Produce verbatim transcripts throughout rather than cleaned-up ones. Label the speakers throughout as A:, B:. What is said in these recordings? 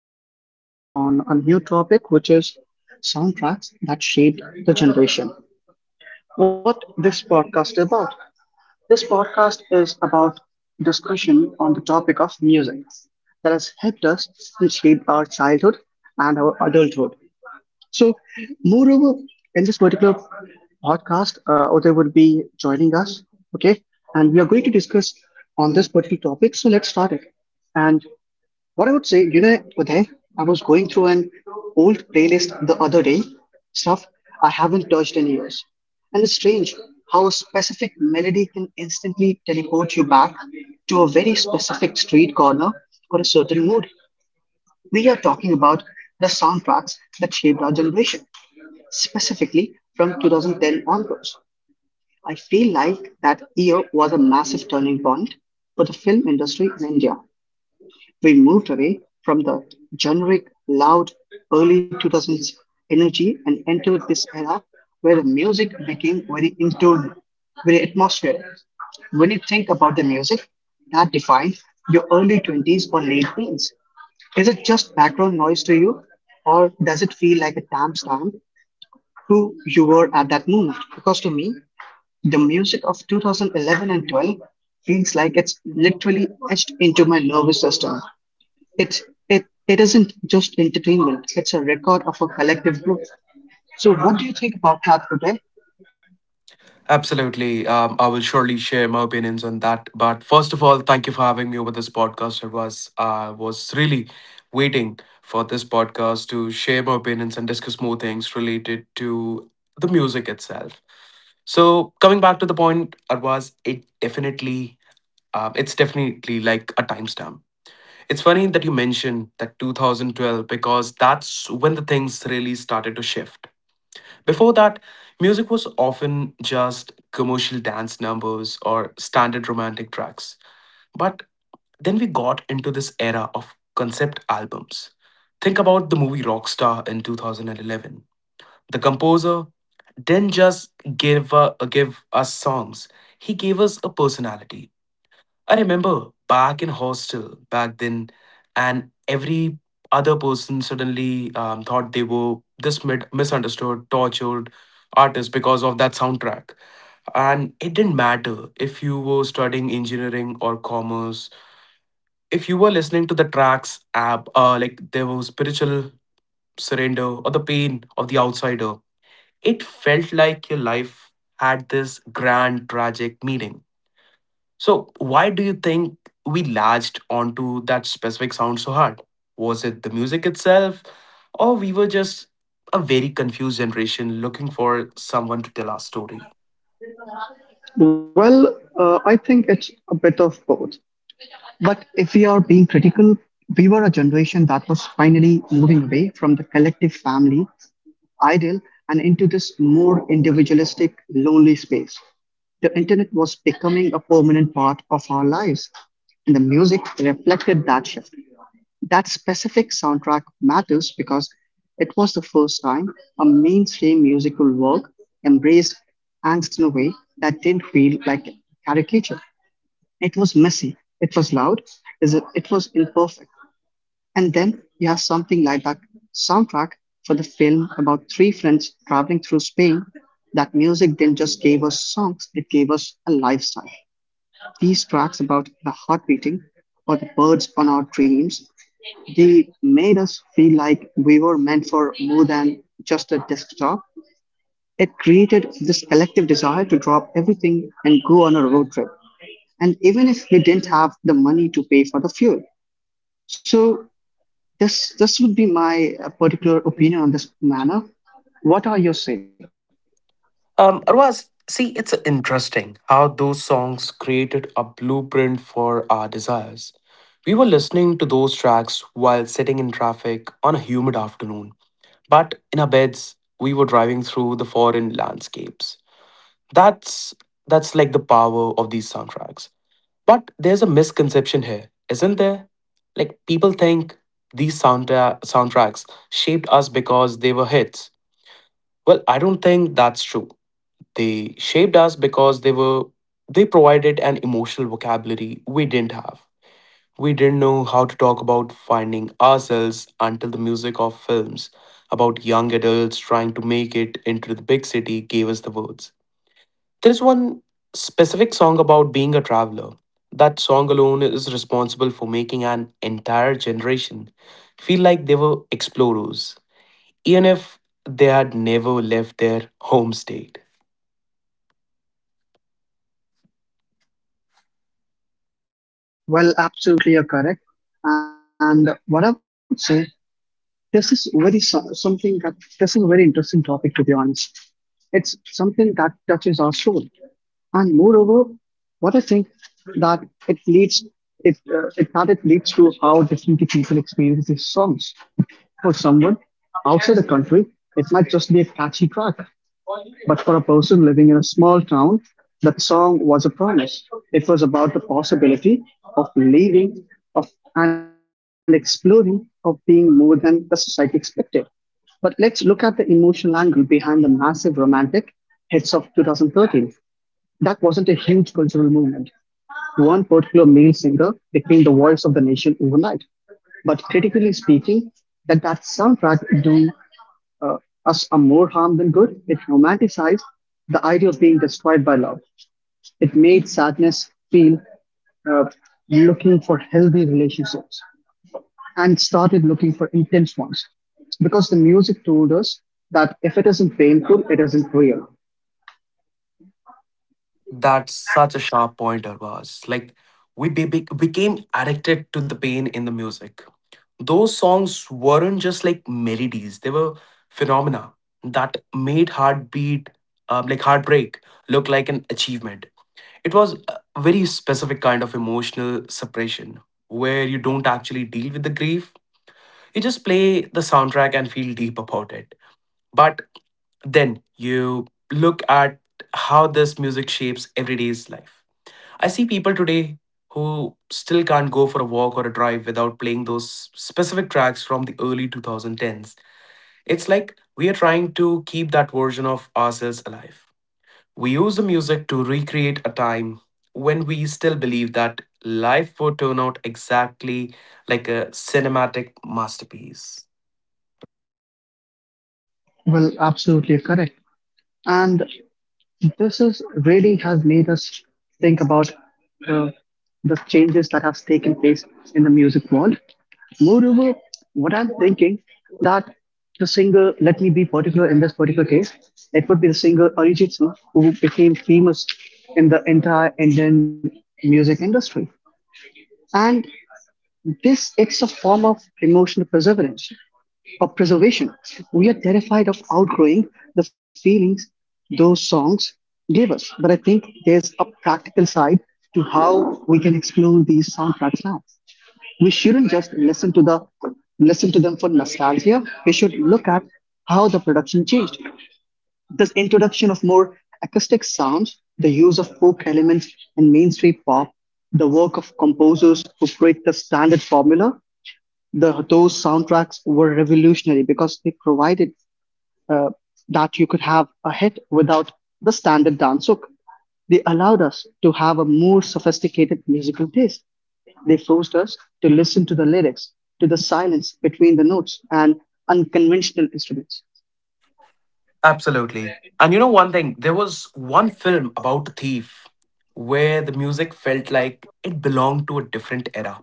A: a podcast on a new topic, which is soundtracks that shaped the generation. What this podcast is about? This podcast is about discussion on the topic of music that has helped us to shape our childhood and our adulthood. So, moreover, in this particular podcast, uh, Uday would be joining us, okay? And we are going to discuss on this particular topic. So, let's start it. And what I would say, you know, Uday, I was going through an old playlist the other day, stuff I haven't touched in years. And it's strange how a specific melody can instantly teleport you back to a very specific street corner or a certain mood. We are talking about the soundtracks that shaped our generation, specifically from two thousand ten onwards. I feel like that year was a massive turning point for the film industry in India. We moved away from the generic, loud, early two thousands energy and entered this era where the music became very in tune, very atmospheric. When you think about the music that defined your early twenties or late teens, is it just background noise to you, or does it feel like a timestamp who you were at that moment? Because to me, the music of two thousand eleven and twelve feels like it's literally etched into my nervous system. It it it isn't just entertainment, it's a record of a collective growth. So what do you think about that, Uday?
B: Absolutely. Um, I will surely share my opinions on that. But first of all, thank you for having me over this podcast. It was I was really waiting for this podcast to share my opinions and discuss more things related to the music itself. So coming back to the point, Arvaz, it definitely um, it's definitely like a timestamp. It's funny that you mentioned that twenty twelve because that's when the things really started to shift. Before that, music was often just commercial dance numbers or standard romantic tracks. But then we got into this era of concept albums. Think about the movie Rockstar in two thousand eleven. The composer didn't just give, uh, give us songs, he gave us a personality. I remember back in hostel back then, and every other person suddenly um, thought they were this mid- misunderstood, tortured artist because of that soundtrack. And it didn't matter if you were studying engineering or commerce. If you were listening to the tracks app, uh, like there was spiritual surrender or the pain of the outsider, it felt like your life had this grand tragic meaning. So, why do you think we latched onto that specific sound so hard? Was it the music itself, or we were just a very confused generation looking for someone to tell our story?
A: Well, uh, I think it's a bit of both. But if we are being critical, we were a generation that was finally moving away from the collective family ideal and into this more individualistic, lonely space. The internet was becoming a permanent part of our lives, and the music reflected that shift. That specific soundtrack matters because it was the first time a mainstream musical work embraced angst in a way that didn't feel like caricature. It was messy, it was loud, is it it was imperfect. And then you have something like that soundtrack for the film about three friends traveling through Spain. That music didn't just gave us songs, it gave us a lifestyle. These tracks about the heart beating or the birds on our dreams, they made us feel like we were meant for more than just a desktop. It created this collective desire to drop everything and go on a road trip and even if we didn't have the money to pay for the fuel. So this this would be my uh, particular opinion on this matter. What are your say?
B: Um, Arwaz, see, it's interesting how those songs created a blueprint for our desires. We were listening to those tracks while sitting in traffic on a humid afternoon, but in our beds, we were driving through the foreign landscapes. That's that's like the power of these soundtracks. But there's a misconception here, isn't there? Like people think these soundtra- soundtracks shaped us because they were hits. Well, I don't think that's true. They shaped us because they were they provided an emotional vocabulary we didn't have. We didn't know how to talk about finding ourselves until the music of films about young adults trying to make it into the big city gave us the words. There's one specific song about being a traveler. That song alone is responsible for making an entire generation feel like they were explorers, even if they had never left their home state.
A: Well, absolutely, you're correct. And what I would say, this is very so- something that this is a very interesting topic to be honest. It's something that touches our soul, and moreover, what I think that it leads it uh, it that it leads to how differently people experience these songs. For someone outside the country, it might just be a catchy track. But for a person living in a small town, that song was a promise. It was about the possibility of living of, and exploring, of being more than the society expected. But let's look at the emotional angle behind the massive romantic hits of twenty thirteen. That wasn't a huge cultural movement. One particular male singer became the voice of the nation overnight. But critically speaking, that that soundtrack do uh, us a more harm than good. It romanticized the idea of being destroyed by love. It made sadness feel uh, looking for healthy relationships and started looking for intense ones because the music told us that if it isn't painful, it isn't real.
B: That's such a sharp point, Arvaz. Like, we be- be- became addicted to the pain in the music. Those songs weren't just like melodies, they were phenomena that made heartbeat, um, like heartbreak look like an achievement. It was a very specific kind of emotional suppression where you don't actually deal with the grief. You just play the soundtrack and feel deep about it. But then you look at how this music shapes everyday's life. I see people today who still can't go for a walk or a drive without playing those specific tracks from the early twenty tens. It's like we are trying to keep that version of ourselves alive. We use the music to recreate a time when we still believe that life would turn out exactly like a cinematic masterpiece.
A: Well, absolutely correct. And this is really has made us think about uh, the changes that has taken place in the music world. Moreover, what I'm thinking that the singer, let me be particular in this particular case, it would be the singer Arijit Singh who became famous in the entire Indian music industry. And this it's a form of emotional perseverance or preservation. We are terrified of outgrowing the feelings those songs gave us. But I think there's a practical side to how we can explore these soundtracks now. We shouldn't just listen to the listen to them for nostalgia. We should look at how the production changed. This introduction of more acoustic sounds, the use of folk elements and mainstream pop, the work of composers who break the standard formula the those soundtracks were revolutionary because they provided uh, that you could have a hit without the standard dance hook. They allowed us to have a more sophisticated musical taste. They forced us to listen to the lyrics, to the silence between the notes, and unconventional instruments.
B: Absolutely. And you know one thing, there was one film about a thief where the music felt like it belonged to a different era.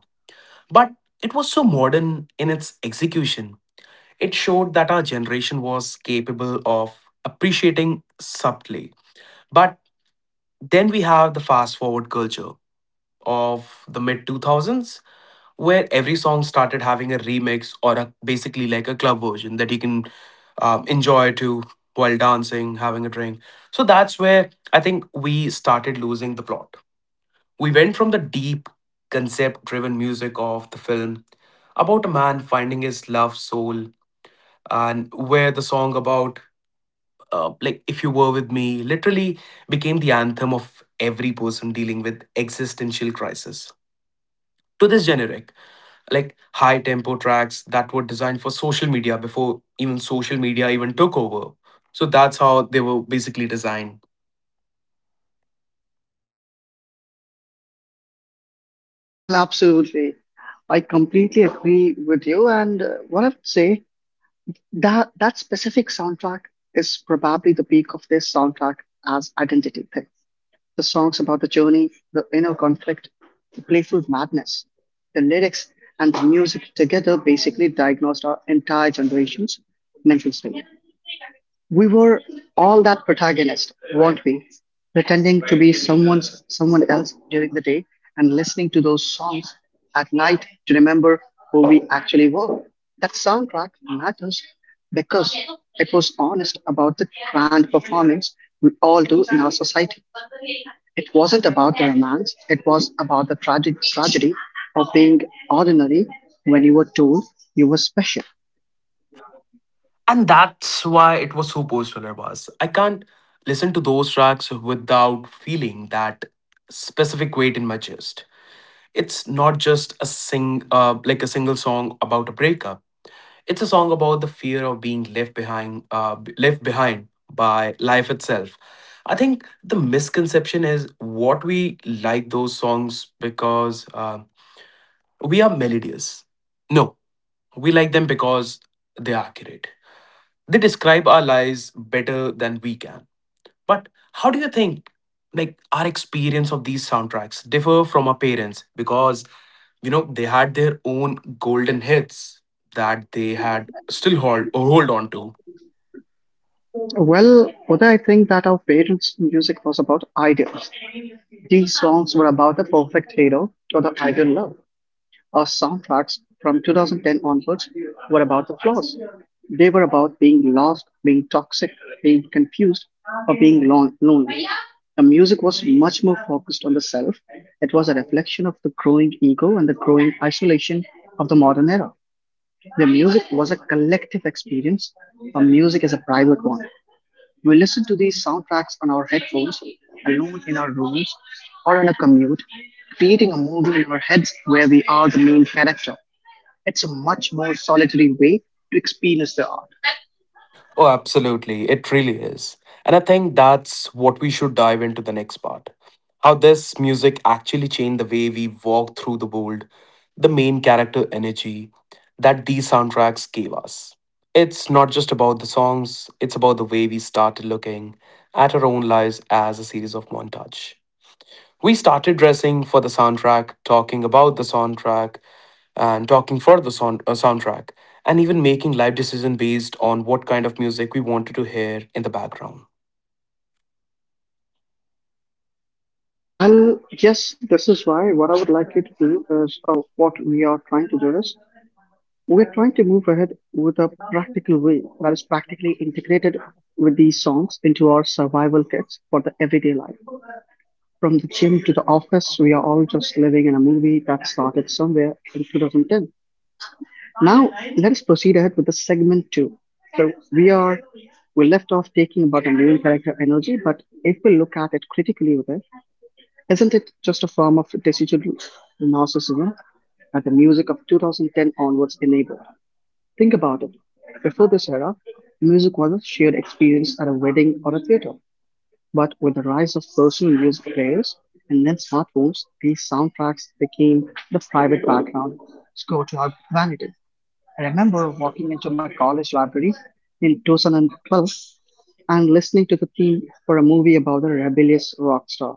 B: But it was so modern in its execution. It showed that our generation was capable of appreciating subtly. But then we have the fast forward culture of the mid two thousands where every song started having a remix or a basically like a club version that you can um, enjoy to while dancing having a drink. So that's where I think we started losing the plot. We went from the deep concept driven music of the film about a man finding his love soul and where the song about uh, like if you were with me literally became the anthem of every person dealing with existential crisis to this generic like high tempo tracks that were designed for social media before even social media even took over. So that's how they were basically designed.
A: Well, absolutely. I completely agree with you. And uh, what I would say, that, that specific soundtrack is probably the peak of this soundtrack as identity thing. The songs about the journey, the inner conflict, the playful madness, the lyrics, and the music together basically diagnosed our entire generation's mental state. We were all that protagonist, weren't we? Pretending to be someone's someone else during the day and listening to those songs at night to remember who we actually were. That soundtrack matters because it was honest about the grand performance we all do in our society. It wasn't about the romance, it was about the tragic tragedy of being ordinary when you were told you were special.
B: And that's why it was so post was. I can't listen to those tracks without feeling that specific weight in my chest. It's not just a sing uh, like a single song about a breakup. It's a song about the fear of being left behind, uh, b- left behind by life itself. I think the misconception is what we like those songs because uh, we are melodious. No, we like them because they are accurate. They describe our lives better than we can. But how do you think like our experience of these soundtracks differ from our parents, because you know they had their own golden hits that they had still hold or hold on to.
A: Well, Uday, I think that our parents' music was about ideals. These songs were about the perfect hero or the ideal love. Our soundtracks from two thousand ten onwards were about the flaws. They were about being lost, being toxic, being confused, or being lon- lonely. The music was much more focused on the self. It was a reflection of the growing ego and the growing isolation of the modern era. The music was a collective experience. Our music is a private one. We listen to these soundtracks on our headphones, alone in our rooms, or on a commute, creating a movie in our heads where we are the main character. It's a much more solitary way to experience the art.
B: Oh, absolutely. It really is. And I think that's what we should dive into the next part. How this music actually changed the way we walk through the world, the main character energy that these soundtracks gave us. It's not just about the songs, it's about the way we started looking at our own lives as a series of montage. We started dressing for the soundtrack, talking about the soundtrack, and talking for the sound, uh, soundtrack, and even making life decision based on what kind of music we wanted to hear in the background.
A: Well, yes, this is why what I would like you to do is uh, what we are trying to do is we're trying to move ahead with a practical way that is practically integrated with these songs into our survival kits for the everyday life. From the gym to the office, we are all just living in a movie that started somewhere in two thousand ten. Now let's proceed ahead with the segment two. So we are we left off taking about enduring character energy, but if we look at it critically with it, isn't it just a form of decidual narcissism that the music of two thousand ten onwards enabled? Think about it. Before this era, music was a shared experience at a wedding or a theater. But with the rise of personal music players and then smartphones, these soundtracks became the private background score to our vanity. I remember walking into my college library in two thousand twelve and listening to the theme for a movie about a rebellious rock star,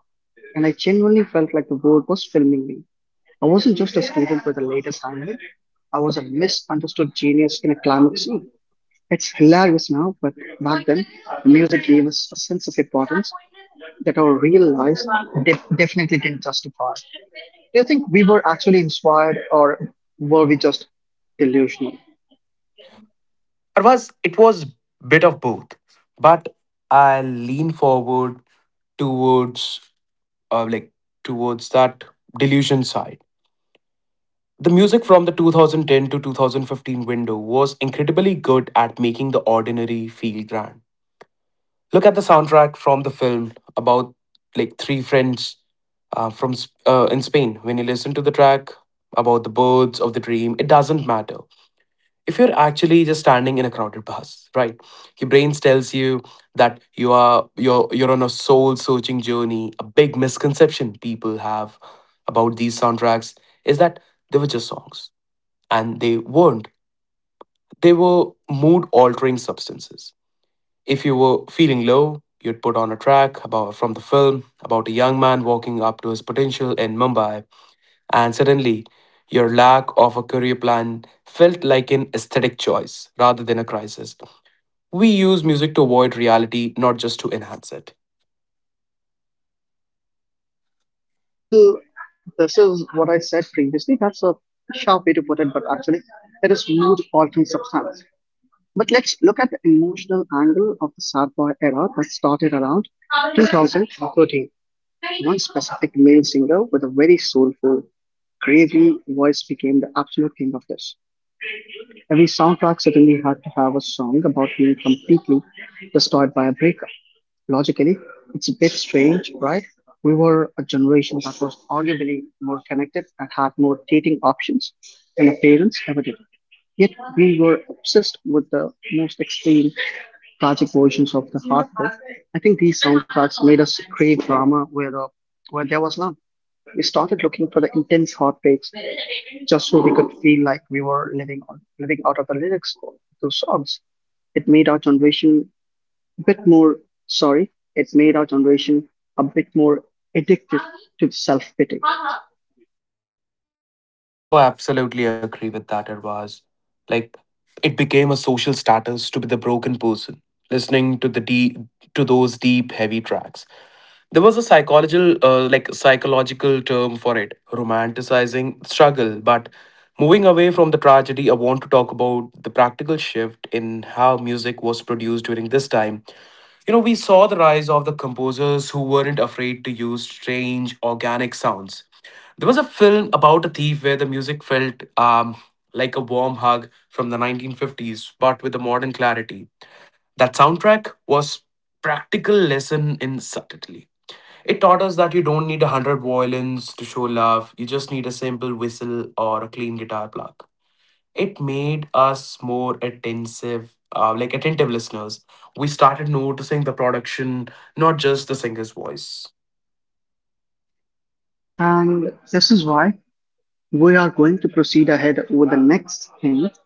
A: and I genuinely felt like the world was filming me. I wasn't just a student with the latest Hamlet, I was a misunderstood genius in a climate scene. It's hilarious now, but back then, music gave us a sense of importance that our real lives def- definitely didn't justify. Do you think we were actually inspired or were we just delusional?
B: Arvaz, it was bit of both, but I lean forward towards uh, like towards that delusion side. The music from the twenty ten to twenty fifteen window was incredibly good at making the ordinary feel grand. Look at the soundtrack from the film about like three friends uh, from Sp- uh, in Spain. When you listen to the track about the birds of the dream, it doesn't matter if you're actually just standing in a crowded bus, right? Your brain tells you that you are you're you're on a soul searching journey. A big misconception people have about these soundtracks is that they were just songs, and they weren't. They were mood altering substances. If you were feeling low you'd put on a track about from the film about a young man walking up to his potential in Mumbai, and suddenly your lack of a career plan felt like an aesthetic choice rather than a crisis. We use music to avoid reality, not just to enhance it.
A: Well, this is what I said previously. That's a sharp way to put it, but actually, it is mood altering substance. But let's look at the emotional angle of the sad boy era that started around two thousand thirteen. One specific male singer with a very soulful, gravelly voice became the absolute king of this. Every soundtrack certainly had to have a song about being completely destroyed by a breakup. Logically, it's a bit strange, right? We were a generation that was arguably more connected and had more dating options than our parents ever did. Yet we were obsessed with the most extreme tragic versions of the heartbreak. I think these soundtracks made us crave drama where, the, where there was none. We started looking for the intense heartbreaks just so we could feel like we were living on living out of the lyrics of those songs. It made our generation a bit more sorry, it made our generation a bit more addicted to self-pity.
B: Oh, absolutely agree with that, Arvaz. Like, it became a social status to be the broken person, listening to the deep, to those deep, heavy tracks. There was a psychological uh, like psychological term for it, romanticizing struggle. But moving away from the tragedy, I want to talk about the practical shift in how music was produced during this time. You know, we saw the rise of the composers who weren't afraid to use strange organic sounds. There was a film about a thief where the music felt um, like a warm hug from the nineteen fifties but with a modern clarity. That soundtrack was practical lesson in subtlety. It taught us that you don't need a hundred violins to show love, you just need a simple whistle or a clean guitar plug. It made us more attentive, uh, like attentive listeners. We started noticing the production, not just the singer's voice.
A: And this is why we are going to proceed ahead with the next thing.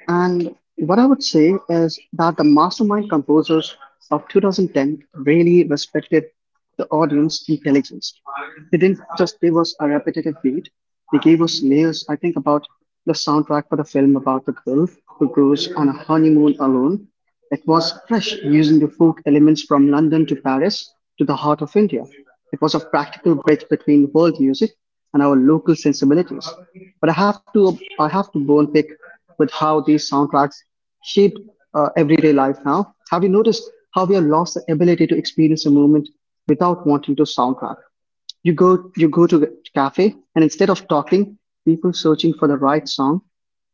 A: And what I would say is that the mastermind composers of twenty ten really respected the audience intelligence. They didn't just give us a repetitive beat, they gave us layers. I think about the soundtrack for the film about the girl who goes on a honeymoon alone. It was fresh, using the folk elements from London to Paris to the heart of India. It was a practical bridge between world music and our local sensibilities. But I have to, I have to bone pick with how these soundtracks shape uh, everyday life now. Have you noticed how we have lost the ability to experience a moment without wanting to soundtrack. You go you go to a cafe and instead of talking, people searching for the right song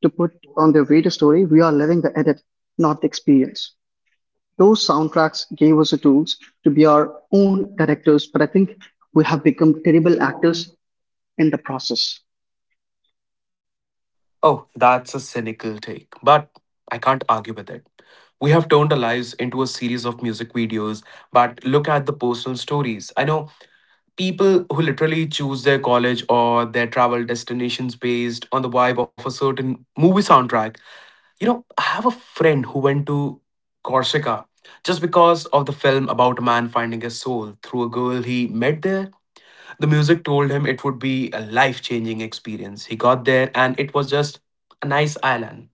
A: to put on their video story. We are living the edit, not the experience. Those soundtracks gave us the tools to be our own directors, but I think we have become terrible actors in the process.
B: Oh, that's a cynical take, but I can't argue with it. We have turned our lives into a series of music videos, but look at the personal stories. I know people who literally choose their college or their travel destinations based on the vibe of a certain movie soundtrack. You know, I have a friend who went to Corsica just because of the film about a man finding his soul through a girl he met there. The music told him it would be a life changing experience. He got there and it was just a nice island.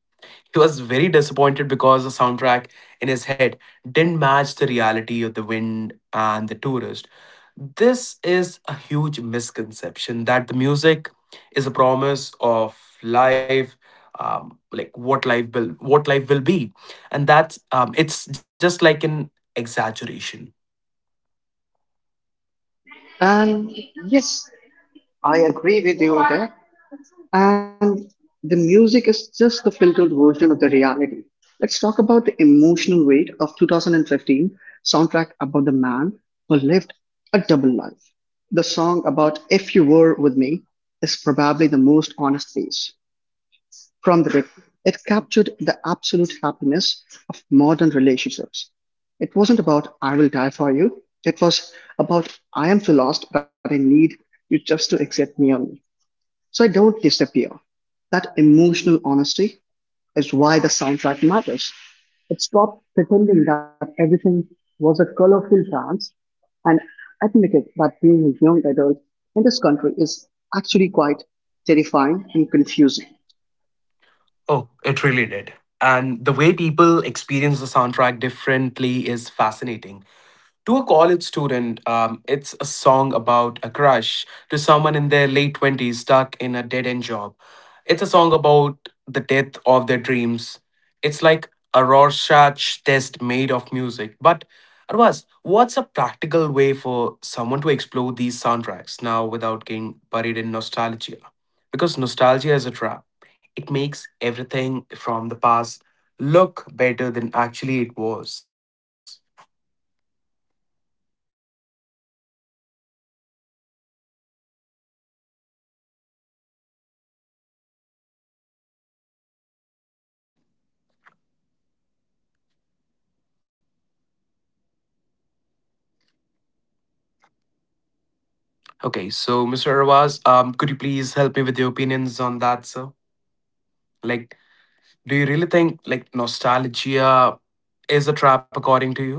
B: He was very disappointed because the soundtrack in his head didn't match the reality of the wind and the tourist. This is a huge misconception that the music is a promise of life, um, like what life will what life will be, and that's um, it's just like an exaggeration.
A: And yes, I agree with you there. And the music is just the filtered version of the reality. Let's talk about the emotional weight of two thousand fifteen soundtrack about the man who lived a double life. The song about If You Were With Me is probably the most honest piece from the rip. It captured the absolute happiness of modern relationships. It wasn't about I will die for you. It was about I am so lost that I need you just to accept me only. So I don't disappear. That emotional honesty is why the soundtrack matters. It stopped pretending that everything was a colorful dance and admitted that being a young adult in this country is actually quite terrifying and confusing.
B: Oh, it really did. And the way people experience the soundtrack differently is fascinating. To a college student, um, it's a song about a crush. To someone in their late twenties stuck in a dead end job, it's a song about the death of their dreams. It's like a Rorschach test made of music. But, Arvaz, what's a practical way for someone to explore these soundtracks now without getting buried in nostalgia? Because nostalgia is a trap, it makes everything from the past look better than actually it was.
A: Uh, Moreover, what I would say, Uday, is that a practical idea. I'd say a soundtrack detox. Listen to those big albums from two thousand eleven or twelve, but remove the lyrics just to listen to the arrangement. Listen to how the drums are used and or
B: Okay,
A: how the
B: so
A: silence
B: mister
A: is
B: Arwaz,
A: placed.
B: um, could you please help me with your opinions on that, sir? Like, do you
A: Sure.
B: really think like nostalgia is a trap according to you?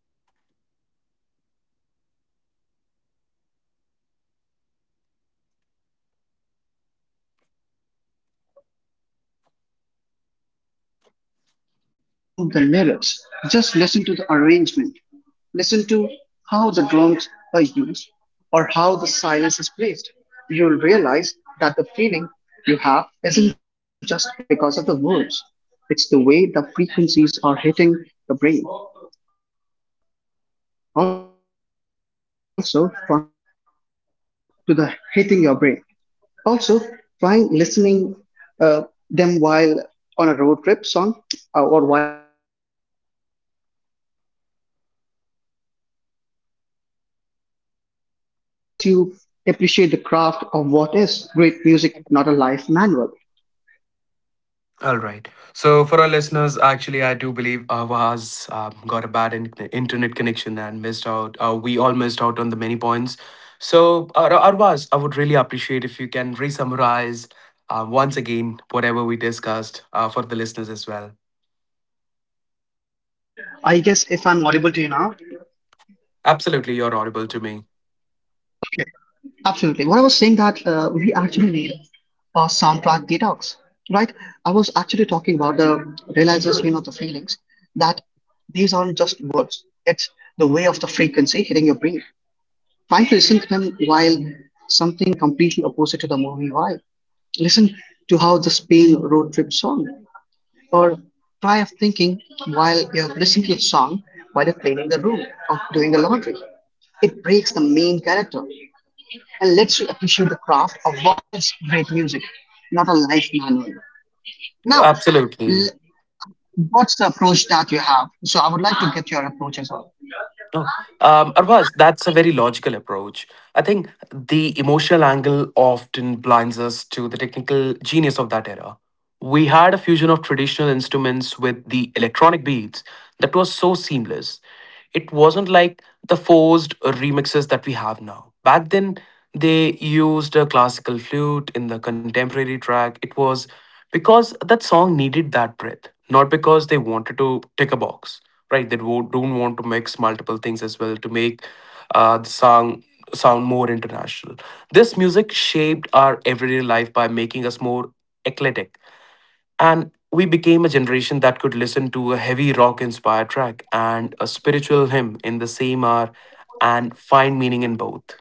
A: Okay. Yes. Uh, Uday. What I would say is it's a practical idea. I'd say a soundtrack detox. Listen to those big albums from two thousand eleven and twelve, but remove the lyrics. Just listen to the arrangement. Listen to how the drums are used or how the silence is placed. You'll realize that the feeling you have isn't just because of the words, it's the way the frequencies are hitting the brain. Also, trying to listen uh, to them while doing something completely opposite to the hitting your brain. Also, trying listening uh, them while on a road trip song uh, or while cleaning the room, doing some laundry. It breaks the man character or the main character spell and lets you appreciate the craft of what is great music, not a life manual.
B: All right. So for our listeners, actually, I do believe Arwaz um, got a bad in- internet connection and missed out. Uh, we all missed out on the many points. So Ar- Arwaz, I would really appreciate if you can re-summarize uh, once again whatever we discussed uh, for the listeners as well.
A: I guess if I'm audible to you now.
B: Absolutely, you're audible to me.
A: Okay, absolutely. What I was saying that uh, we actually need a soundtrack detox, right? I was actually talking about the realization of the feelings that these aren't just words. It's the way of the frequency hitting your brain. Try to listen to them while something completely opposite to the movie vibe. Listen to how the Spain road trip song, or try of thinking while you're listening to a song while you're cleaning the room or doing the laundry. It breaks the main character and lets you appreciate the craft of what is great music, not a life manual. Now,
B: Absolutely.
A: l- uh, what's the approach that you have? So I would like to get your approach as well.
B: No, um, Arvaz, that's a very logical approach. I think the emotional angle often blinds us to the technical genius of that era. We had a fusion of traditional instruments with the electronic beats that was so seamless. It wasn't like the forced remixes that we have now. Back then, they used a classical flute in the contemporary track. It was because that song needed that breath, not because they wanted to tick a box, right? they wo- Don't want to mix multiple things as well to make uh, the song sound more international. This music shaped our everyday life by making us more eclectic, and we became a generation that could listen to a heavy rock inspired track and a spiritual hymn in the same hour and find meaning in both.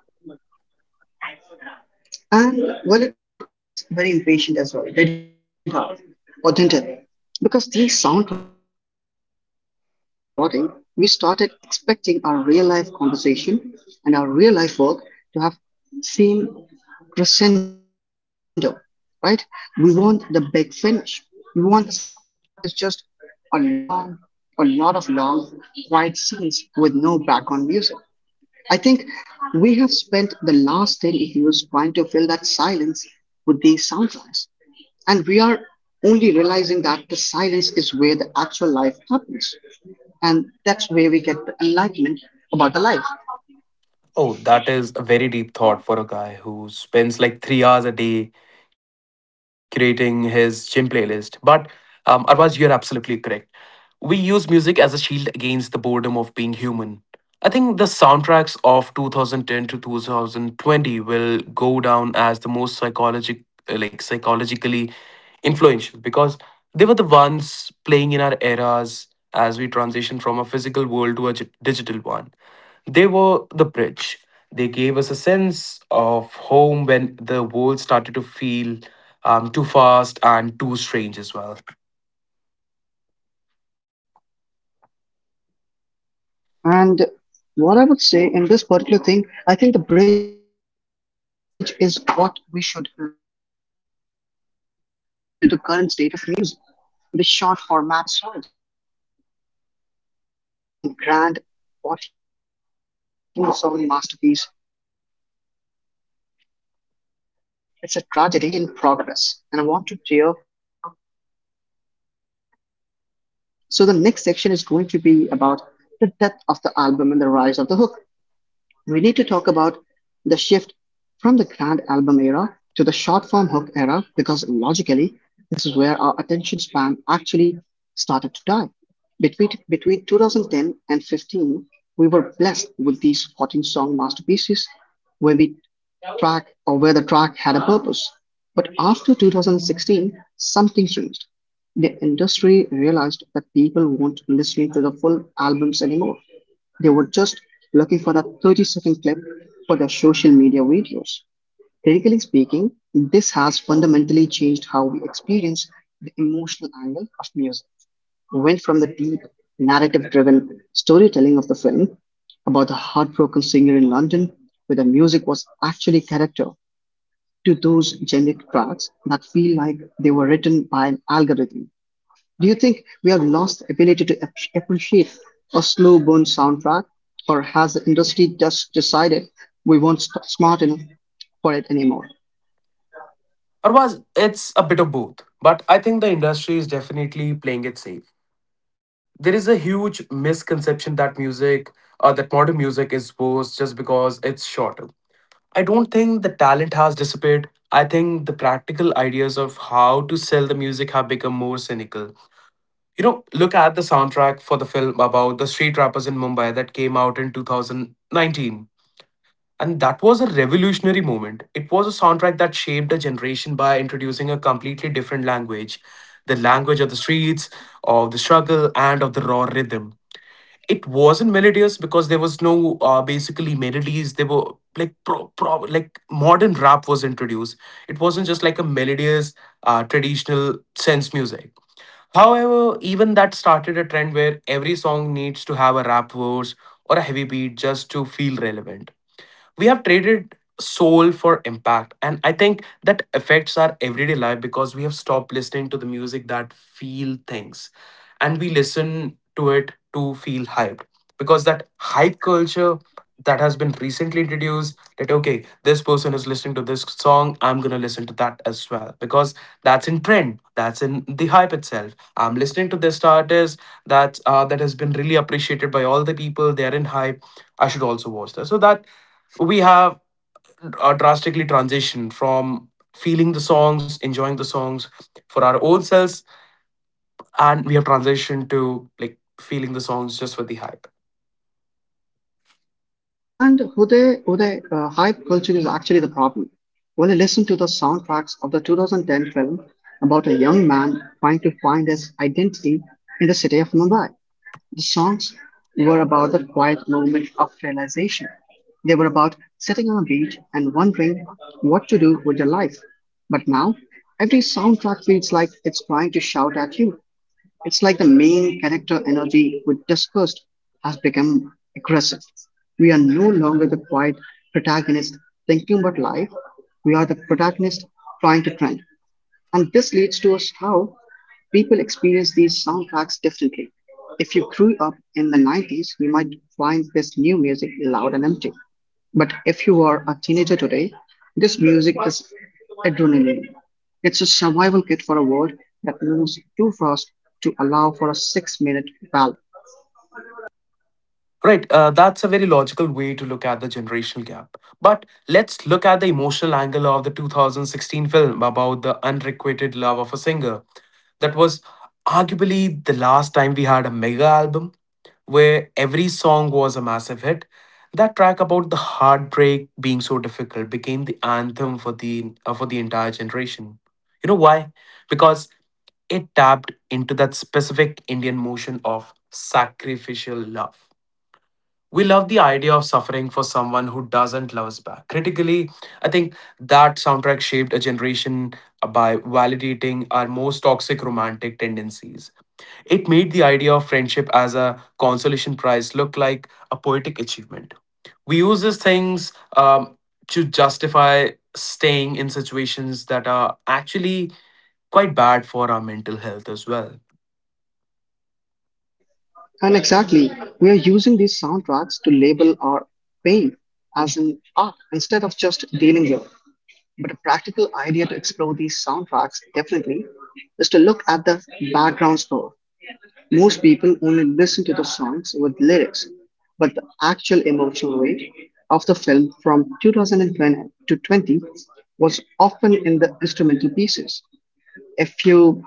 A: And well, it made us very impatient as well, did it? Not? Or didn't it? Because these soundtracks were so high energy and so rewarding, we started expecting our real life conversation and our real life work to have same crescendo, right? We want the big finish. We want the standing ovation. Real life is just a long, a lot of long, quiet scenes with no background music. I think we have spent the last ten years trying to fill that silence with these soundtracks, and we are only realizing that the silence is where the actual life happens, and that's where we get the enlightenment about the life.
B: Oh, that is a very deep thought for a guy who spends like three hours a day curating his gym playlist. But um, Arvaz, you're absolutely correct. We use music as a shield against the boredom of being human. I think the soundtracks of twenty ten to twenty twenty will go down as the most psychologic, uh, like psychologically influential, because they were the ones playing in our eras as we transition from a physical world to a gi- digital one. They were the bridge. They gave us a sense of home when the world started to feel um, too fast and too strange as well.
A: And what I would say in this particular thing, I think the bridge is what we should look at next. How these soundtracks eventually led to the current state of music, the short format songs, and the death of albums. Went from grand Botticelli masterpiece to thirty-second hook designed for a scroll. It's a tragedy in progress, and I want to tear that apart in the next section. So the next section is going to be about the death of the album and the rise of the hook. We need to talk about the shift from the grand album era to the short form hook era because logically, this is where our attention span actually started to die. Between, between twenty ten and fifteen, we were blessed with these fourteen song masterpieces where we track or where the track had a purpose. But after two thousand sixteen, something changed. The industry realized that people weren't listening to the full albums anymore. They were just looking for that thirty second clip for their social media videos. Critically speaking, this has fundamentally changed how we experience the emotional angle of music. We went from the deep, narrative driven storytelling of the film about the heartbroken singer in London, where the music was actually character, to those generic tracks that feel like they were written by an algorithm. Do you think we have lost the ability to ap- appreciate a slow burn soundtrack, or has the industry just decided we weren't st- smart enough for it anymore?
B: Otherwise, it's a bit of both. But I think the industry is definitely playing it safe. There is a huge misconception that music, uh, that modern music is worse just because it's shorter. I don't think the talent has disappeared. I think the practical ideas of how to sell the music have become more cynical. You know, look at the soundtrack for the film about the street rappers in Mumbai that came out in two thousand nineteen. And that was a revolutionary moment. It was a soundtrack that shaped a generation by introducing a completely different language, the language of the streets, of the struggle, and of the raw rhythm. It wasn't melodious because there was no uh, basically melodies. They were like pro, pro like modern rap was introduced. It wasn't just like a melodious uh, traditional sense music. However, even that started a trend where every song needs to have a rap verse or a heavy beat just to feel relevant. We have traded soul for impact, and I think that affects our everyday life because we have stopped listening to the music that feel things, and we listen to it to feel hyped, because that hype culture that has been recently introduced, that okay, this person is listening to this song, I'm gonna listen to that as well, because that's in trend, that's in the hype itself. I'm listening to this artist that uh, that has been really appreciated by all the people, they are in hype, I should also watch that. So that we have uh, drastically transitioned from feeling the songs, enjoying the songs for our own selves, and we have transitioned to like feeling the songs just for the hype.
A: And Uday, Uday, uh, hype culture is actually the problem. Well, listen to the soundtracks of the two thousand ten film about a young man trying to find his identity in the city of Mumbai. The songs were about the quiet moment of realization. They were about sitting on a beach and wondering what to do with your life. But now, every soundtrack feels like it's trying to shout at you. It's like the main character energy we discussed has become aggressive. We are no longer the quiet protagonist thinking about life. We are the protagonist trying to trend. And this leads to us how people experience these soundtracks differently. If you grew up in the nineties, you might find this new music loud and empty. But if you are a teenager today, this music is adrenaline. It's a survival kit for a world that moves too fast to allow for a six minute ballad.
B: Right, uh, that's a very logical way to look at the generational gap. But let's look at the emotional angle of the twenty sixteen film about the unrequited love of a singer. That was arguably the last time we had a mega album where every song was a massive hit. That track about the heartbreak being so difficult became the anthem for the uh, for the entire generation. You know why? Because it tapped into that specific Indian motion of sacrificial love. We love the idea of suffering for someone who doesn't love us back. Critically, I think that soundtrack shaped a generation by validating our most toxic romantic tendencies. It made the idea of friendship as a consolation prize look like a poetic achievement. We use these things um, to justify staying in situations that are actually quite bad for our mental health as well.
A: And exactly, we are using these soundtracks to label our pain as an art instead of just dealing with it. But a practical idea to explore these soundtracks definitely is to look at the background score. Most people only listen to the songs with lyrics, but the actual emotional weight of the film from twenty ten to twenty was often in the instrumental pieces. If you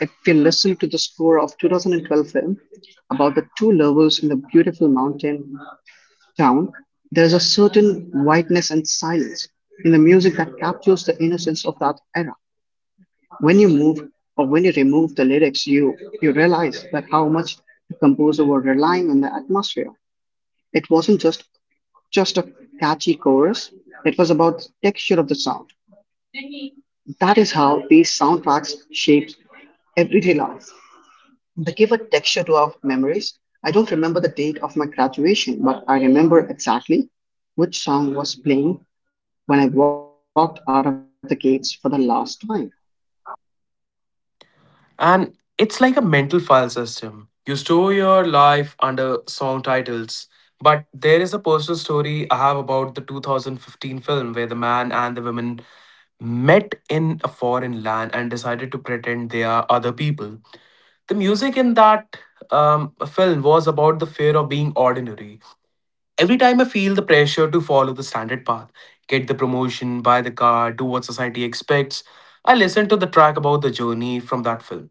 A: if you listen to the score of twenty twelve film about the two lovers in the beautiful mountain town, there is a certain whiteness and silence in the music that captures the innocence of that era. When you move or when you remove the lyrics, you you realize that how much the composer were relying on the atmosphere. It wasn't just just a catchy chorus; it was about the texture of the sound. That is how these soundtracks shaped everyday life. They give a texture to our memories. I don't remember the date of my graduation, but I remember exactly which song was playing when I walked out of the gates for the last time.
B: And it's like a mental file system. You store your life under song titles. But there is a personal story I have about the twenty fifteen film where the man and the woman met in a foreign land and decided to pretend they are other people. The music in that um, film was about the fear of being ordinary. Every time I feel the pressure to follow the standard path, get the promotion, buy the car, do what society expects, I listen to the track about the journey from that film.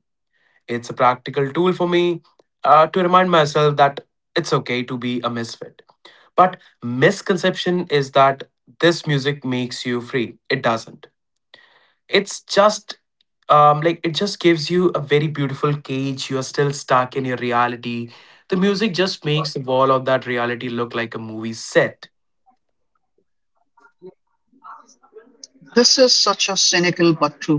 B: It's a practical tool for me uh, to remind myself that it's okay to be a misfit. But misconception is that this music makes you free. It doesn't. It's just um, like it just gives you a very beautiful cage. You are still stuck in your reality. The music just makes the wall of that reality look like a movie set.
A: This is such a cynical but true point.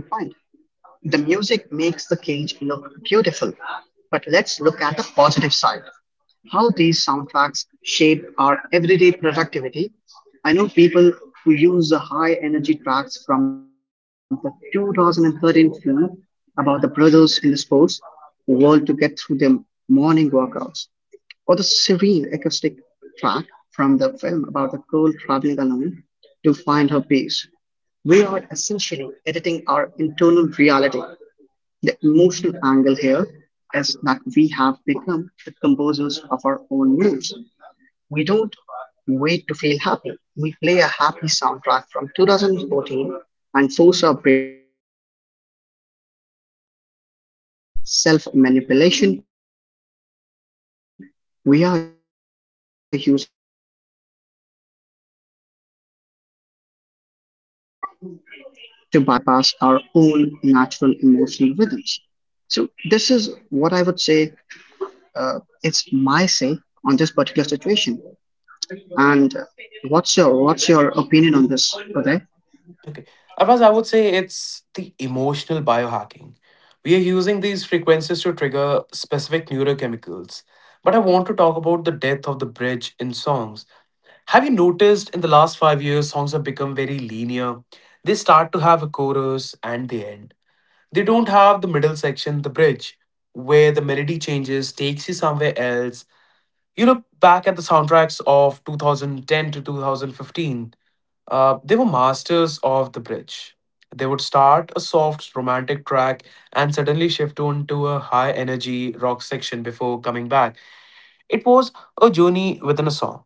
A: The music makes the cage look beautiful. But let's look at the positive side. How these sound facts shape our everyday productivity. I know people who use the high energy tracks from the two thousand thirteen film about the brothers in the sports world to get through their morning workouts, or the serene acoustic track from the film about the girl traveling alone to find her peace. We are essentially editing our internal reality the emotional angle here is that we have become the composers of our own moods. We don't wait to feel happy. We play a happy soundtrack from two thousand fourteen and force our brain to catch up. Logically, it's a form of self manipulation. We are using the Mumbai films industry genius to bypass our own natural emotional rhythms to bypass our own natural emotional rhythms. So this is what I would say. Uh, it's my say on this particular situation. And uh, what's your what's your opinion on this, Uday?
B: Okay. Arfaz, I would say it's the emotional biohacking. We are using these frequencies to trigger specific neurochemicals. But I want to talk about the death of the bridge in songs. Have you noticed in the last five years, songs have become very linear? They start to have a chorus and the end. They don't have the middle section, the bridge, where the melody changes, takes you somewhere else. You look back at the soundtracks of two thousand ten to twenty fifteen, uh, they were masters of the bridge. They would start a soft romantic track and suddenly shift on to a high energy rock section before coming back. It was a journey within a song.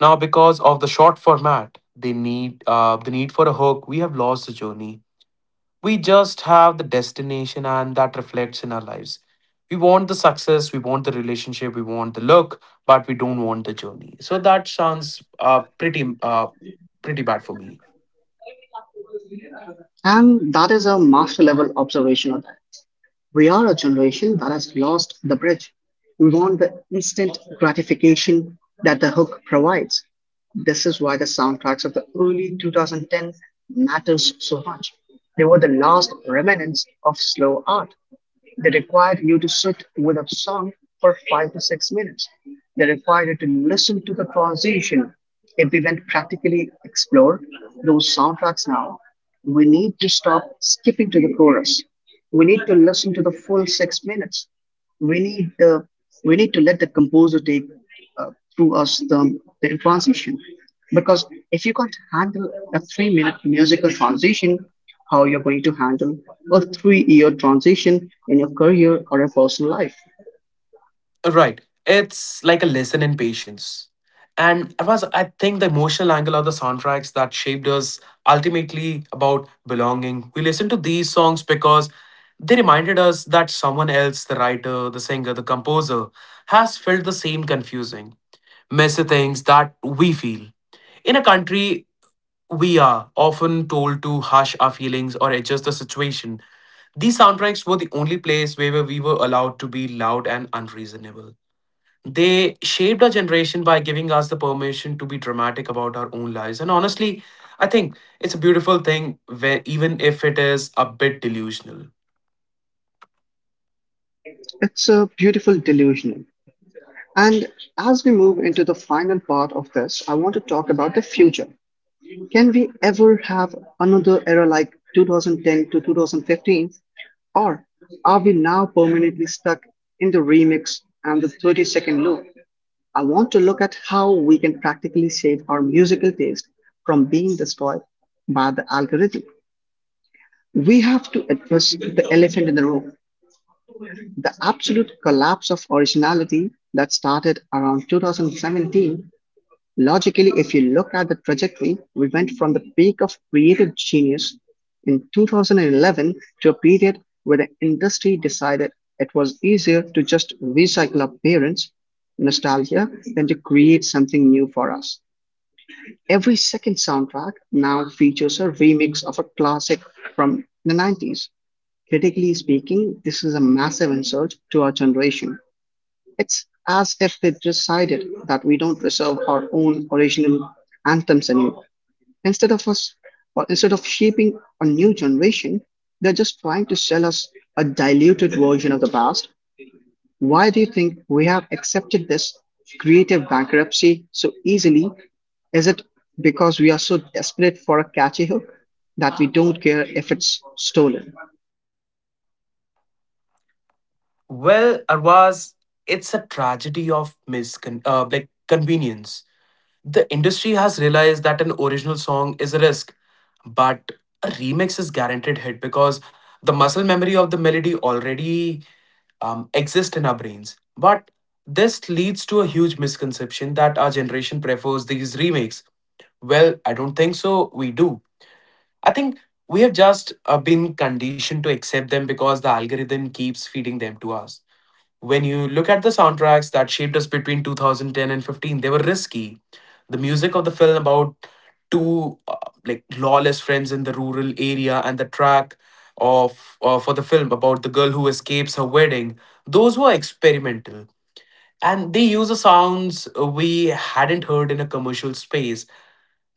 B: Now, because of the short format, they need uh, the need for a hook. We have lost the journey. We just have the destination, and that reflects in our lives. We want the success, we want the relationship, we want the look, but we don't want the journey. So that sounds uh, pretty uh, pretty bad for me.
A: And that is a master level observation of that. We are a generation that has lost the bridge. We want the instant gratification that the hook provides. This is why the soundtracks of the early two thousand ten matters so much. They were the last remnants of slow art. They required you to sit with a song for five to six minutes. They required you to listen to the transition. If we went practically explore those soundtracks now, we need to stop skipping to the chorus. We need to listen to the full six minutes. We need uh, we need to let the composer take uh, through us the, the transition. Because if you can't handle a three minute musical transition, how you're going to handle a three year transition in your career or a personal life?
B: Right. It's like a lesson in patience. And I was I think the emotional angle of the soundtracks that shaped us ultimately about belonging. We listened to these songs because they reminded us that someone else, the writer, the singer, the composer, has felt the same confusing, messy things that we feel. In a country we are often told to hush our feelings or adjust the situation. These soundtracks were the only place where we were allowed to be loud and unreasonable. They shaped our generation by giving us the permission to be dramatic about our own lives. And honestly, I think it's a beautiful thing, where, even if it is a bit delusional.
A: It's a beautiful delusion. And as we move into the final part of this, I want to talk about the future. Can we ever have another era like two thousand ten to two thousand fifteen? Or are we now permanently stuck in the remix and the thirty second loop? I want to look at how we can practically save our musical taste from being destroyed by the algorithm. We have to address the elephant in the room, the absolute collapse of originality that started around two thousand seventeen. Logically, if you look at the trajectory, we went from the peak of creative genius in two thousand eleven to a period where the industry decided it was easier to just recycle our parents' nostalgia than to create something new for us. Every second soundtrack now features a remix of a classic from the nineties. Critically speaking, this is a massive insult to our generation. It's as if they decided that we don't reserve our own original anthems anymore. Instead of us, or instead of shaping a new generation, they're just trying to sell us a diluted version of the past. Why do you think we have accepted this creative bankruptcy so easily? Is it because we are so desperate for a catchy hook that we don't care if it's stolen?
B: Well, Arwaz, it's a tragedy of miscon- uh, like convenience. The industry has realized that an original song is a risk, but a remix is guaranteed hit because the muscle memory of the melody already um, exists in our brains. But this leads to a huge misconception that our generation prefers these remakes. Well, I don't think so. We do. I think we have just uh, been conditioned to accept them because the algorithm keeps feeding them to us. When you look at the soundtracks that shaped us between two thousand ten and fifteen, they were risky. The music of the film about two uh, like lawless friends in the rural area, and the track of uh, for the film about the girl who escapes her wedding, those were experimental. And they use the sounds we hadn't heard in a commercial space.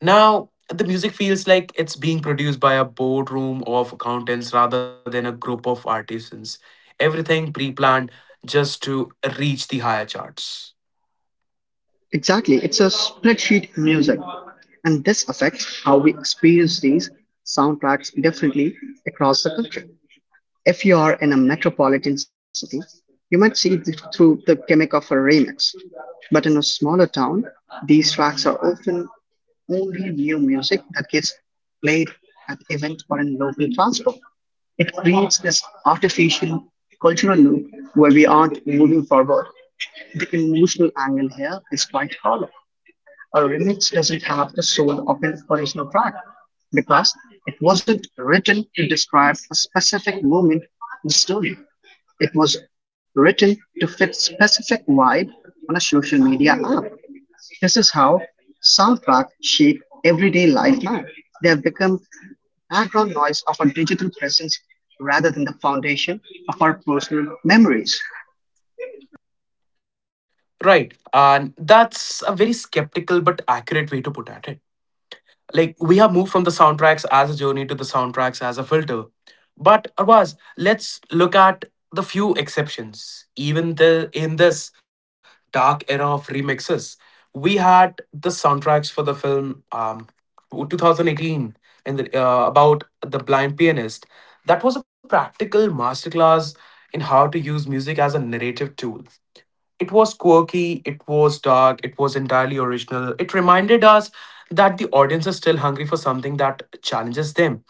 B: Now, the music feels like it's being produced by a boardroom of accountants rather than a group of artisans. Everything pre planned just to reach the higher charts.
A: Exactly, it's a spreadsheet music, and this affects how we experience these soundtracks differently across the country. If you are in a metropolitan city, you might see it through the gimmick of a remix, but in a smaller town, these tracks are often only new music that gets played at events or in local transport. It creates this artificial cultural loop where we aren't moving forward. The emotional angle here is quite hollow. A remix doesn't have the soul of an original track, because it wasn't written to describe a specific moment in the story. It was written to fit specific vibe on a social media app. This is how soundtrack shape everyday life now. They have become background noise of our digital presence rather than the foundation of our personal memories.
B: Right, and that's a very skeptical but accurate way to put at it. Like we have moved from the soundtracks as a journey to the soundtracks as a filter. But Arvaz, let's look at the few exceptions. Even the in this dark era of remixes, we had the soundtracks for the film um, twenty eighteen, and the, uh, about the blind pianist. That was a practical masterclass in how to use music as a narrative tool. It was quirky, it was dark, it was entirely original. It reminded us that the audience is still hungry for something that challenges them.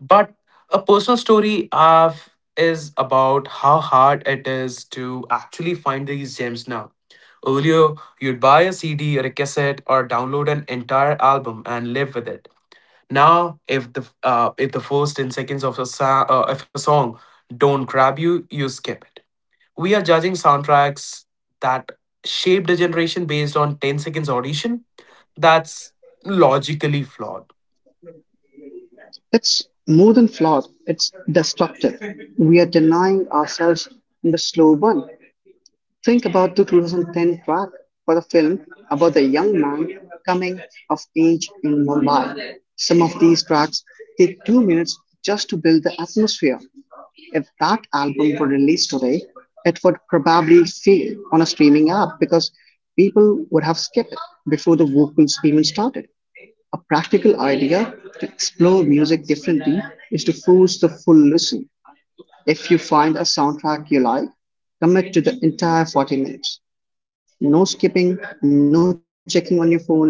B: But a personal story I've is about how hard it is to actually find these gems now. Earlier, you'd buy a C D or a cassette or download an entire album and live with it. Now, if the uh, if the first ten seconds of a sa- uh, if a song don't grab you, you skip it. We are judging soundtracks that shaped a generation based on ten seconds audition. That's logically flawed.
A: It's more than flawed, it's destructive. We're denying ourselves in the slow burn. Think about the twenty ten track for a film about a young man coming of age in Mumbai. Some of these tracks take two minutes just to build the atmosphere. If that album were released today, it would probably fail on a streaming app because people would have skipped it before the vocals even started. A practical idea to explore music differently is to force the full listen. If you find a soundtrack you like, commit to the entire forty minutes. No skipping, no checking on your phone,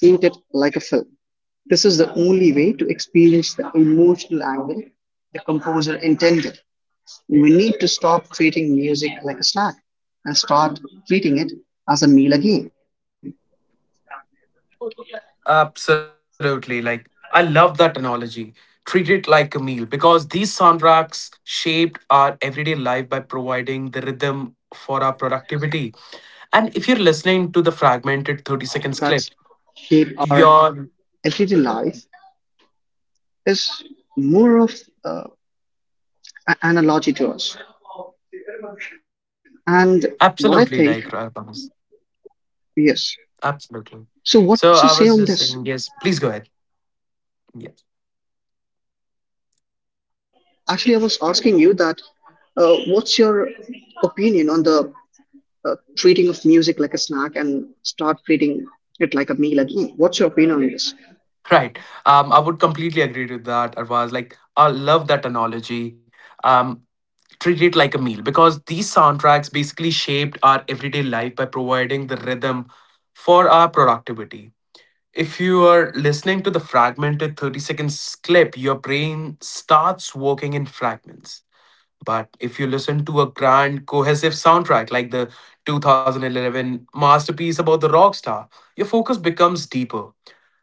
A: treat it like a film. This is the only way to experience the emotional angle the composer intended. We need to stop treating music like a snack and start treating it as a meal again.
B: Absolutely. Like, I love that analogy. Treat it like a meal, because these soundtracks shaped our
A: So,
B: everyday life
A: what I
B: by
A: would say,
B: providing the
A: in
B: rhythm
A: fact, uh,
B: for our
A: treating it
B: productivity.
A: like a
B: And if you're
A: meal
B: listening to the fragmented thirty
A: because
B: seconds
A: these
B: clip,
A: soundtracks shape
B: you're
A: our everyday life is more of uh, an analogy to us. And what I
B: absolutely
A: think,
B: like right, Thomas.
A: yes.
B: Absolutely.
A: So, what's your
B: So I
A: say
B: was
A: on
B: just
A: this?
B: saying, yes, please go ahead. Yeah.
A: Actually, I was asking you that. Uh, what's your opinion on the uh, treating of music like a snack and start treating it like a meal again? What's your opinion on this?
B: Right. Um, I would completely agree to that. Arvaz, like, I love that analogy. Um, Treat it like a meal because these soundtracks basically shaped our everyday life by providing the rhythm for our productivity. If you are listening to the fragmented thirty seconds clip, your brain starts working in fragments. But if you listen to a grand, cohesive soundtrack like the twenty eleven masterpiece about the rock star, your focus becomes deeper.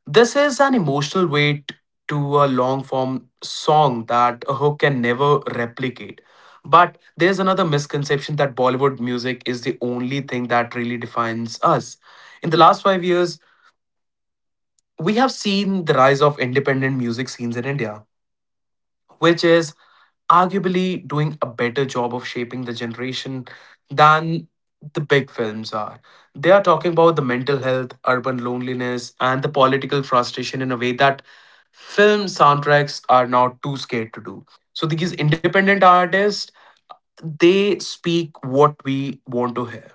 B: This is an emotional weight to a long form song that a hook can never replicate. But there's another misconception that Bollywood music is the only thing that really defines us. In the last five years, we have seen the rise of independent music scenes in India, which is arguably doing a better job of shaping the generation than the big films are. They are talking about the mental health, urban loneliness, and the political frustration in a way that film soundtracks are now too scared to do. So these independent artists, they speak what we want to hear.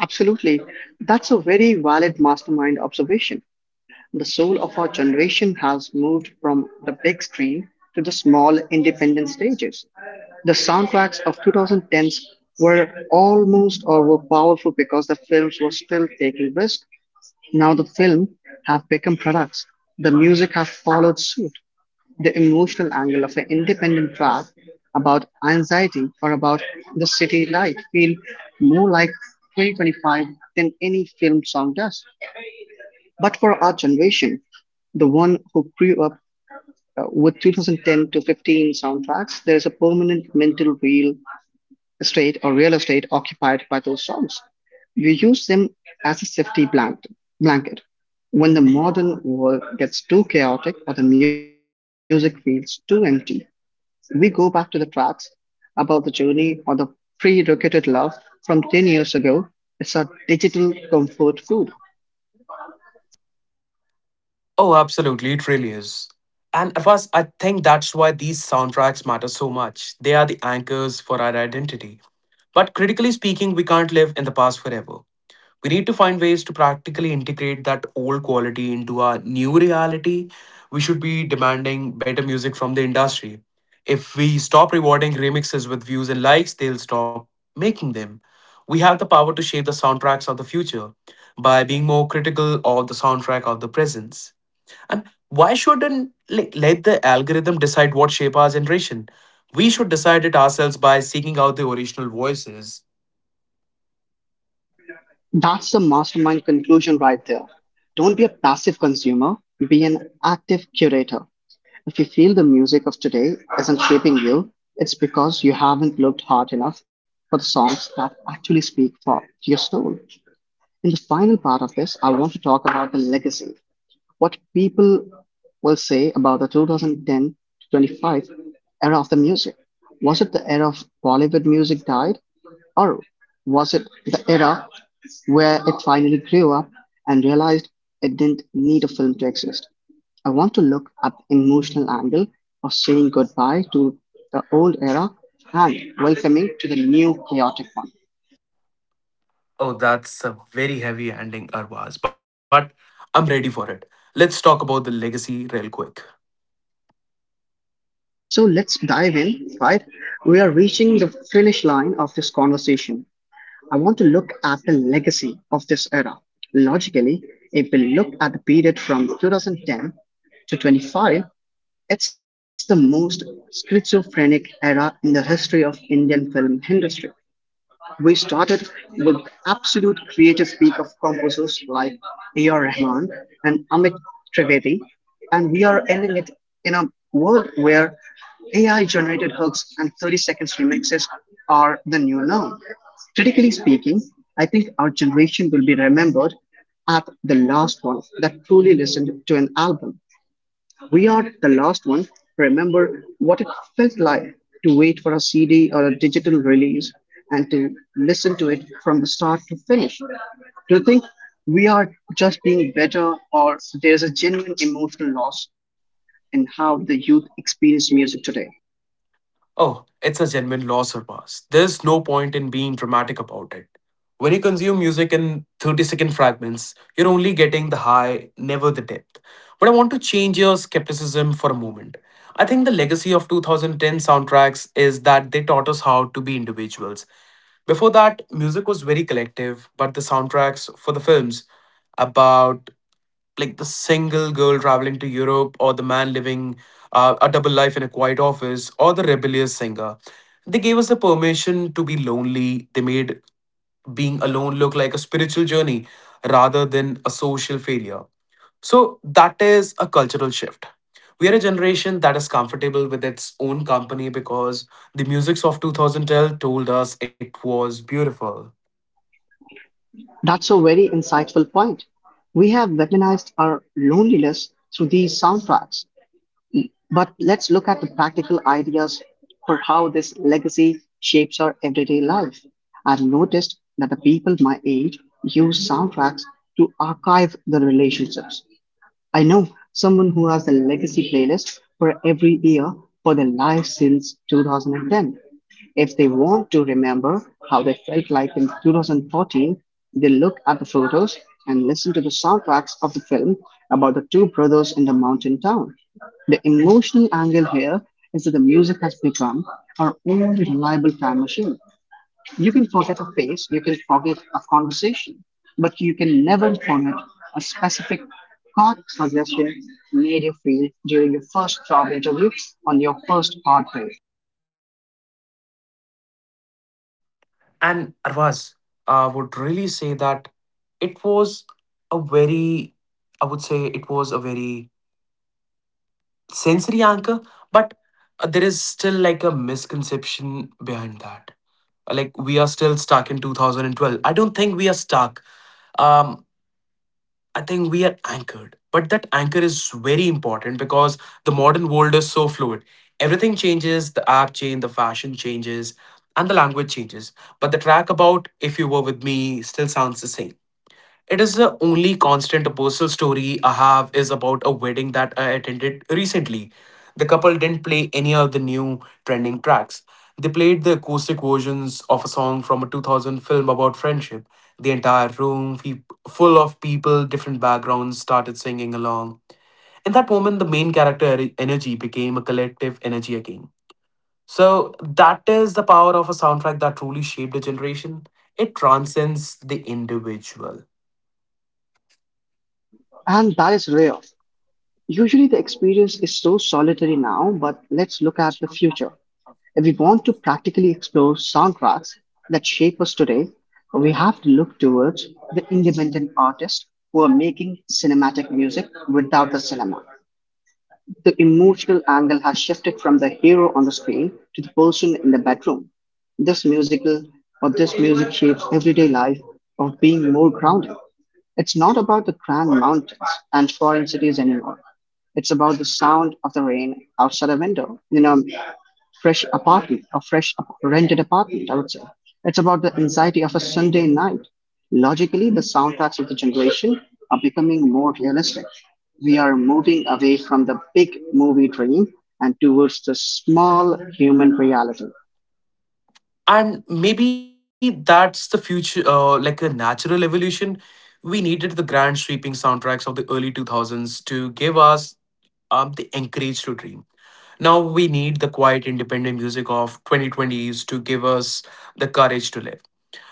A: Absolutely. That's a very valid mastermind observation. The soul of our generation has moved from the big screen to the small independent stages. The soundtracks of twenty tens were almost or were powerful because the films were still taking risk. Now the film have become products. The music have followed suit, the emotional angle of an independent track about anxiety or about the city life feel more like twenty twenty-five than any film song does. But for our generation, the one who grew up uh, with two thousand ten to fifteen soundtracks, there is a permanent mental real estate or real estate occupied by those songs. We use them as a safety blanket. blanket. When the modern world gets too chaotic or the music feels too empty, we go back to the tracks about the journey or the pre-rocketed love from ten years ago. It's our digital comfort food.
B: Oh, absolutely, it really is. And Avas, I think that's why these soundtracks matter so much. They are the anchors for our identity. But critically speaking, we can't live in the past forever. We need to find ways to practically integrate that old quality into our new reality. We should be demanding better music from the industry. If we stop rewarding remixes with views and likes, they'll stop making them. We have the power to shape the soundtracks of the future by being more critical of the soundtrack of the presence. And why shouldn't, like, let the algorithm decide what shape our generation? We should decide it ourselves by seeking out the original voices.
A: That's the mastermind conclusion right there. Don't be a passive consumer, be an active curator. If you feel the music of today isn't shaping you, it's because you haven't looked hard enough for the songs that actually speak for to your soul. In the final part of this, I want to talk about the legacy, what people will say about the twenty ten to twenty-five era of the music. Was it the era of Bollywood music died, or was it the era where it finally grew up and realized it didn't need a film to exist? I want to look at the emotional angle of saying goodbye to the old era and welcoming to the new chaotic one.
B: Oh, that's a very heavy ending, Arvaz, but I'm ready for it. Let's talk about the legacy real quick.
A: So let's dive in, right? We are reaching the finish line of this conversation. I want to look at the legacy of this era. Logically, if we look at the period from twenty ten to twenty-five, it's the most schizophrenic era in the history of Indian film industry. We started with absolute creative speak of composers like A R. Rahman and Amit Trivedi, and we are ending it in a world where A I generated hooks and thirty seconds remixes are the new norm. Critically speaking, I think our generation will be remembered at the last one that truly listened to an album. We are the last ones to remember what it felt like to wait for a C D or a digital release and to listen to it from the start to finish. Do you think we are just being better, or there is a genuine emotional loss in how the youth experience music today?
B: Oh, it's a genuine loss, Arvaz. There's no point in being dramatic about it. When you consume music in thirty second fragments, you're only getting the high, never the depth. But I want to change your skepticism for a moment. I think the legacy of two thousand ten soundtracks is that they taught us how to be individuals. Before that, music was very collective, but the soundtracks for the films about, like, the single girl traveling to Europe, or the man living uh, a double life in a quiet office, or the rebellious singer. They gave us the permission to be lonely. They made being alone look like a spiritual journey rather than a social failure. So that is a cultural shift. We are a generation that is comfortable with its own company because the musics of twenty twelve told us it was beautiful.
A: That's a very insightful point. We have weaponized our loneliness through these soundtracks. But let's look at the practical ideas for how this legacy shapes our everyday life. I've noticed that the people my age use soundtracks to archive the relationships. I know someone who has a legacy playlist for every year for their life since two thousand ten. If they want to remember how they felt like in two thousand fourteen, they look at the photos and listen to the soundtracks of the film about the two brothers in the mountain town. The emotional angle here is that the music has become our only reliable time machine. You can forget a face, you can forget a conversation, but you can never forget a specific thought suggestion made you feel during your first job interview on your first hard day.
B: And Arvaz, I would really say that it was a very, I would say it was a very sensory anchor, but uh, there is still like a misconception behind that. Uh, Like we are still stuck in twenty twelve. I don't think we are stuck. Um, I think we are anchored. But that anchor is very important because the modern world is so fluid. Everything changes, the app change, the fashion changes, and the language changes. But the track about if you were with me still sounds the same. It is the only constant. Personal story I have is about a wedding that I attended recently. The couple didn't play any of the new trending tracks. They played the acoustic versions of a song from a two thousand film about friendship. The entire room, fe- full of people, different backgrounds, started singing along. In that moment, the main character e- energy became a collective energy again. So, that is the power of a soundtrack that truly shaped a generation. It transcends the individual.
A: And that is rare. Usually, the experience is so solitary now, but let's look at the future. If we want to practically explore soundtracks that shape us today, we have to look towards the independent artists who are making cinematic music without the cinema. The emotional angle has shifted from the hero on the screen to the person in the bedroom. This musical or this music shapes everyday life of being more grounded. It's not about the grand mountains and foreign cities anymore. It's about the sound of the rain outside a window. You know, fresh apartment or fresh ap- rented apartment, I would say. It's about the anxiety of a Sunday night. Logically, the soundtracks of the generation are becoming more realistic. We are moving away from the big movie dream and towards the small human reality.
B: And maybe that's the future, uh, like a natural evolution. We needed the grand sweeping soundtracks of the early two thousands to give us um, the encourage to dream. Now we need the quiet independent music of twenty twenties to give us the courage to live.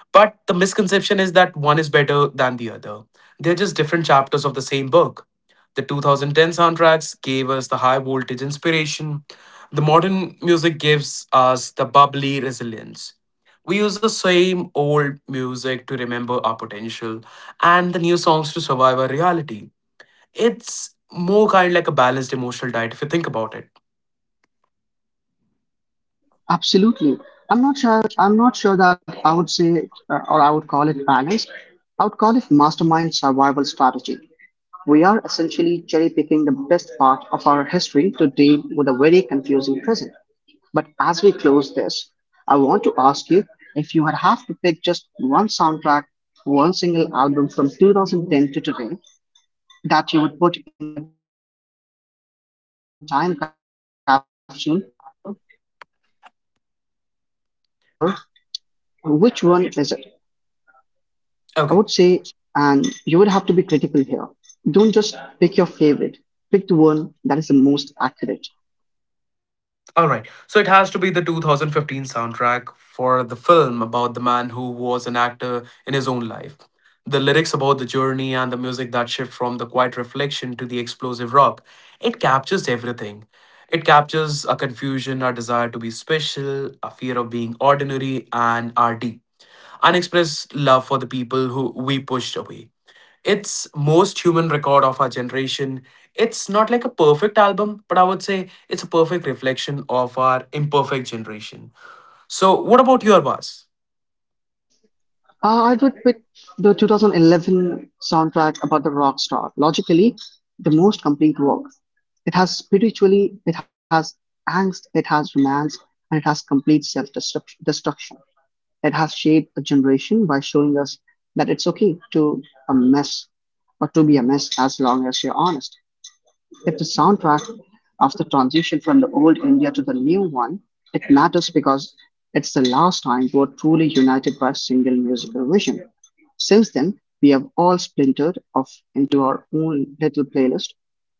B: But the misconception is that one is better than the other. They're just different chapters of the same book. The two thousand ten soundtracks gave us the high voltage inspiration. The modern music gives us the bubbly resilience. We use the same old music to remember our potential and the new songs to survive our reality. It's more kind like a balanced emotional diet if you think about it.
A: Absolutely. I'm not sure, I'm not sure that I would say, uh, or I would call it balanced. I would call it mastermind survival strategy. We are essentially cherry picking the best part of our history to deal with a very confusing present. But as we close this, I want to ask you, if you had have to pick just one soundtrack, one single album from two thousand ten to today that you would put in your time capsule to show the people that the year twenty-one or twenty-first century, who, were, who we are, which one is it? I
B: Okay.
A: would say, and you would have to be critical here. Don't just pick your favorite, pick the one that is the most accurate.
B: All right. So it has to be the twenty fifteen soundtrack for the film about the man who was an actor in his own life. The lyrics about the journey and the music that shift from the quiet reflection to the explosive rock. It captures everything. It captures a confusion, our desire to be special, a fear of being ordinary, and our deep unexpressed love for the people who we pushed away. It's most human record of our generation. It's not like a perfect album, but I would say it's a perfect reflection of our imperfect generation. So, what about your boss?
A: Uh, I would pick the two thousand eleven soundtrack about the rock star. Logically, the most complete work. It has spiritually, it has angst, it has romance, and it has complete self destruction. It has shaped a generation by showing us that it's okay to a mess or to be a mess as long as you're honest. If the soundtrack of the transition from the old India to the new one. It matters because it's the last time we were truly united by a single musical vision. Since then, we have all splintered off into our own little playlist.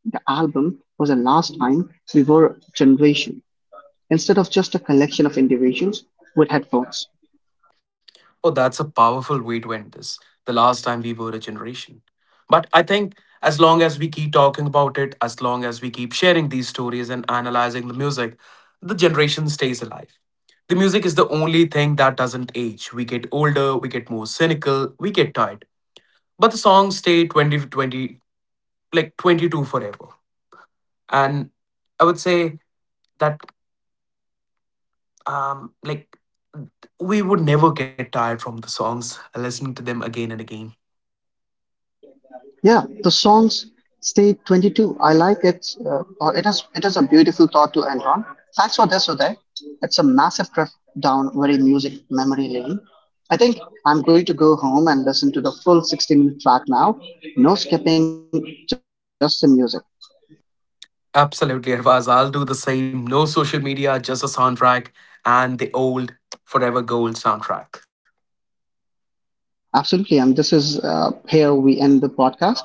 A: The album was the last time we were a generation, instead of just a collection of individuals with headphones.
B: Oh, that's a powerful way to end this. The last time we were a generation. But I think as long as we keep talking about it, as long as we keep sharing these stories and analyzing the music, the generation stays alive. The music is the only thing that doesn't age. We get older, we get more cynical, we get tired. But the songs stay twenty twenty like twenty two forever. And I would say that, um, like, we would never get tired from the songs, listening to them again and again.
A: Yeah, the songs stay twenty-two. I like it. Uh, or it is it is a beautiful thought to end on. Thanks for this, Uday. It's a massive trip down very music memory lane. I think I'm going to go home and listen to the full sixty minute track now. No skipping, just the music.
B: Absolutely, Arvaz. I'll do the same. No social media, just a soundtrack and the old Forever Gold soundtrack.
A: Absolutely. And this is uh, here we end the podcast.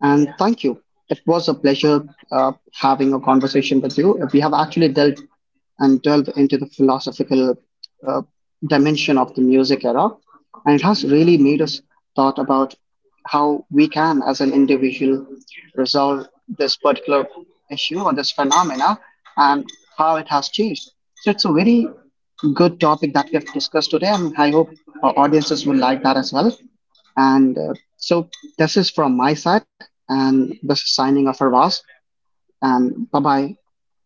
A: And thank you. It was a pleasure uh, having a conversation with you. We have actually delved and delved into the philosophical uh, dimension of the music era. And it has really made us thought about how we can, as an individual, resolve this particular issue or this phenomena and how it has changed. So it's a very good topic that we have discussed today, and I hope our audiences will like that as well. And uh, so, this is from my side, and this is signing off for Ross. And bye bye.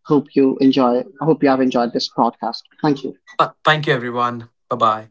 A: Hope you enjoy. I hope you have enjoyed this podcast. Thank you.
B: But thank you, everyone. Bye bye.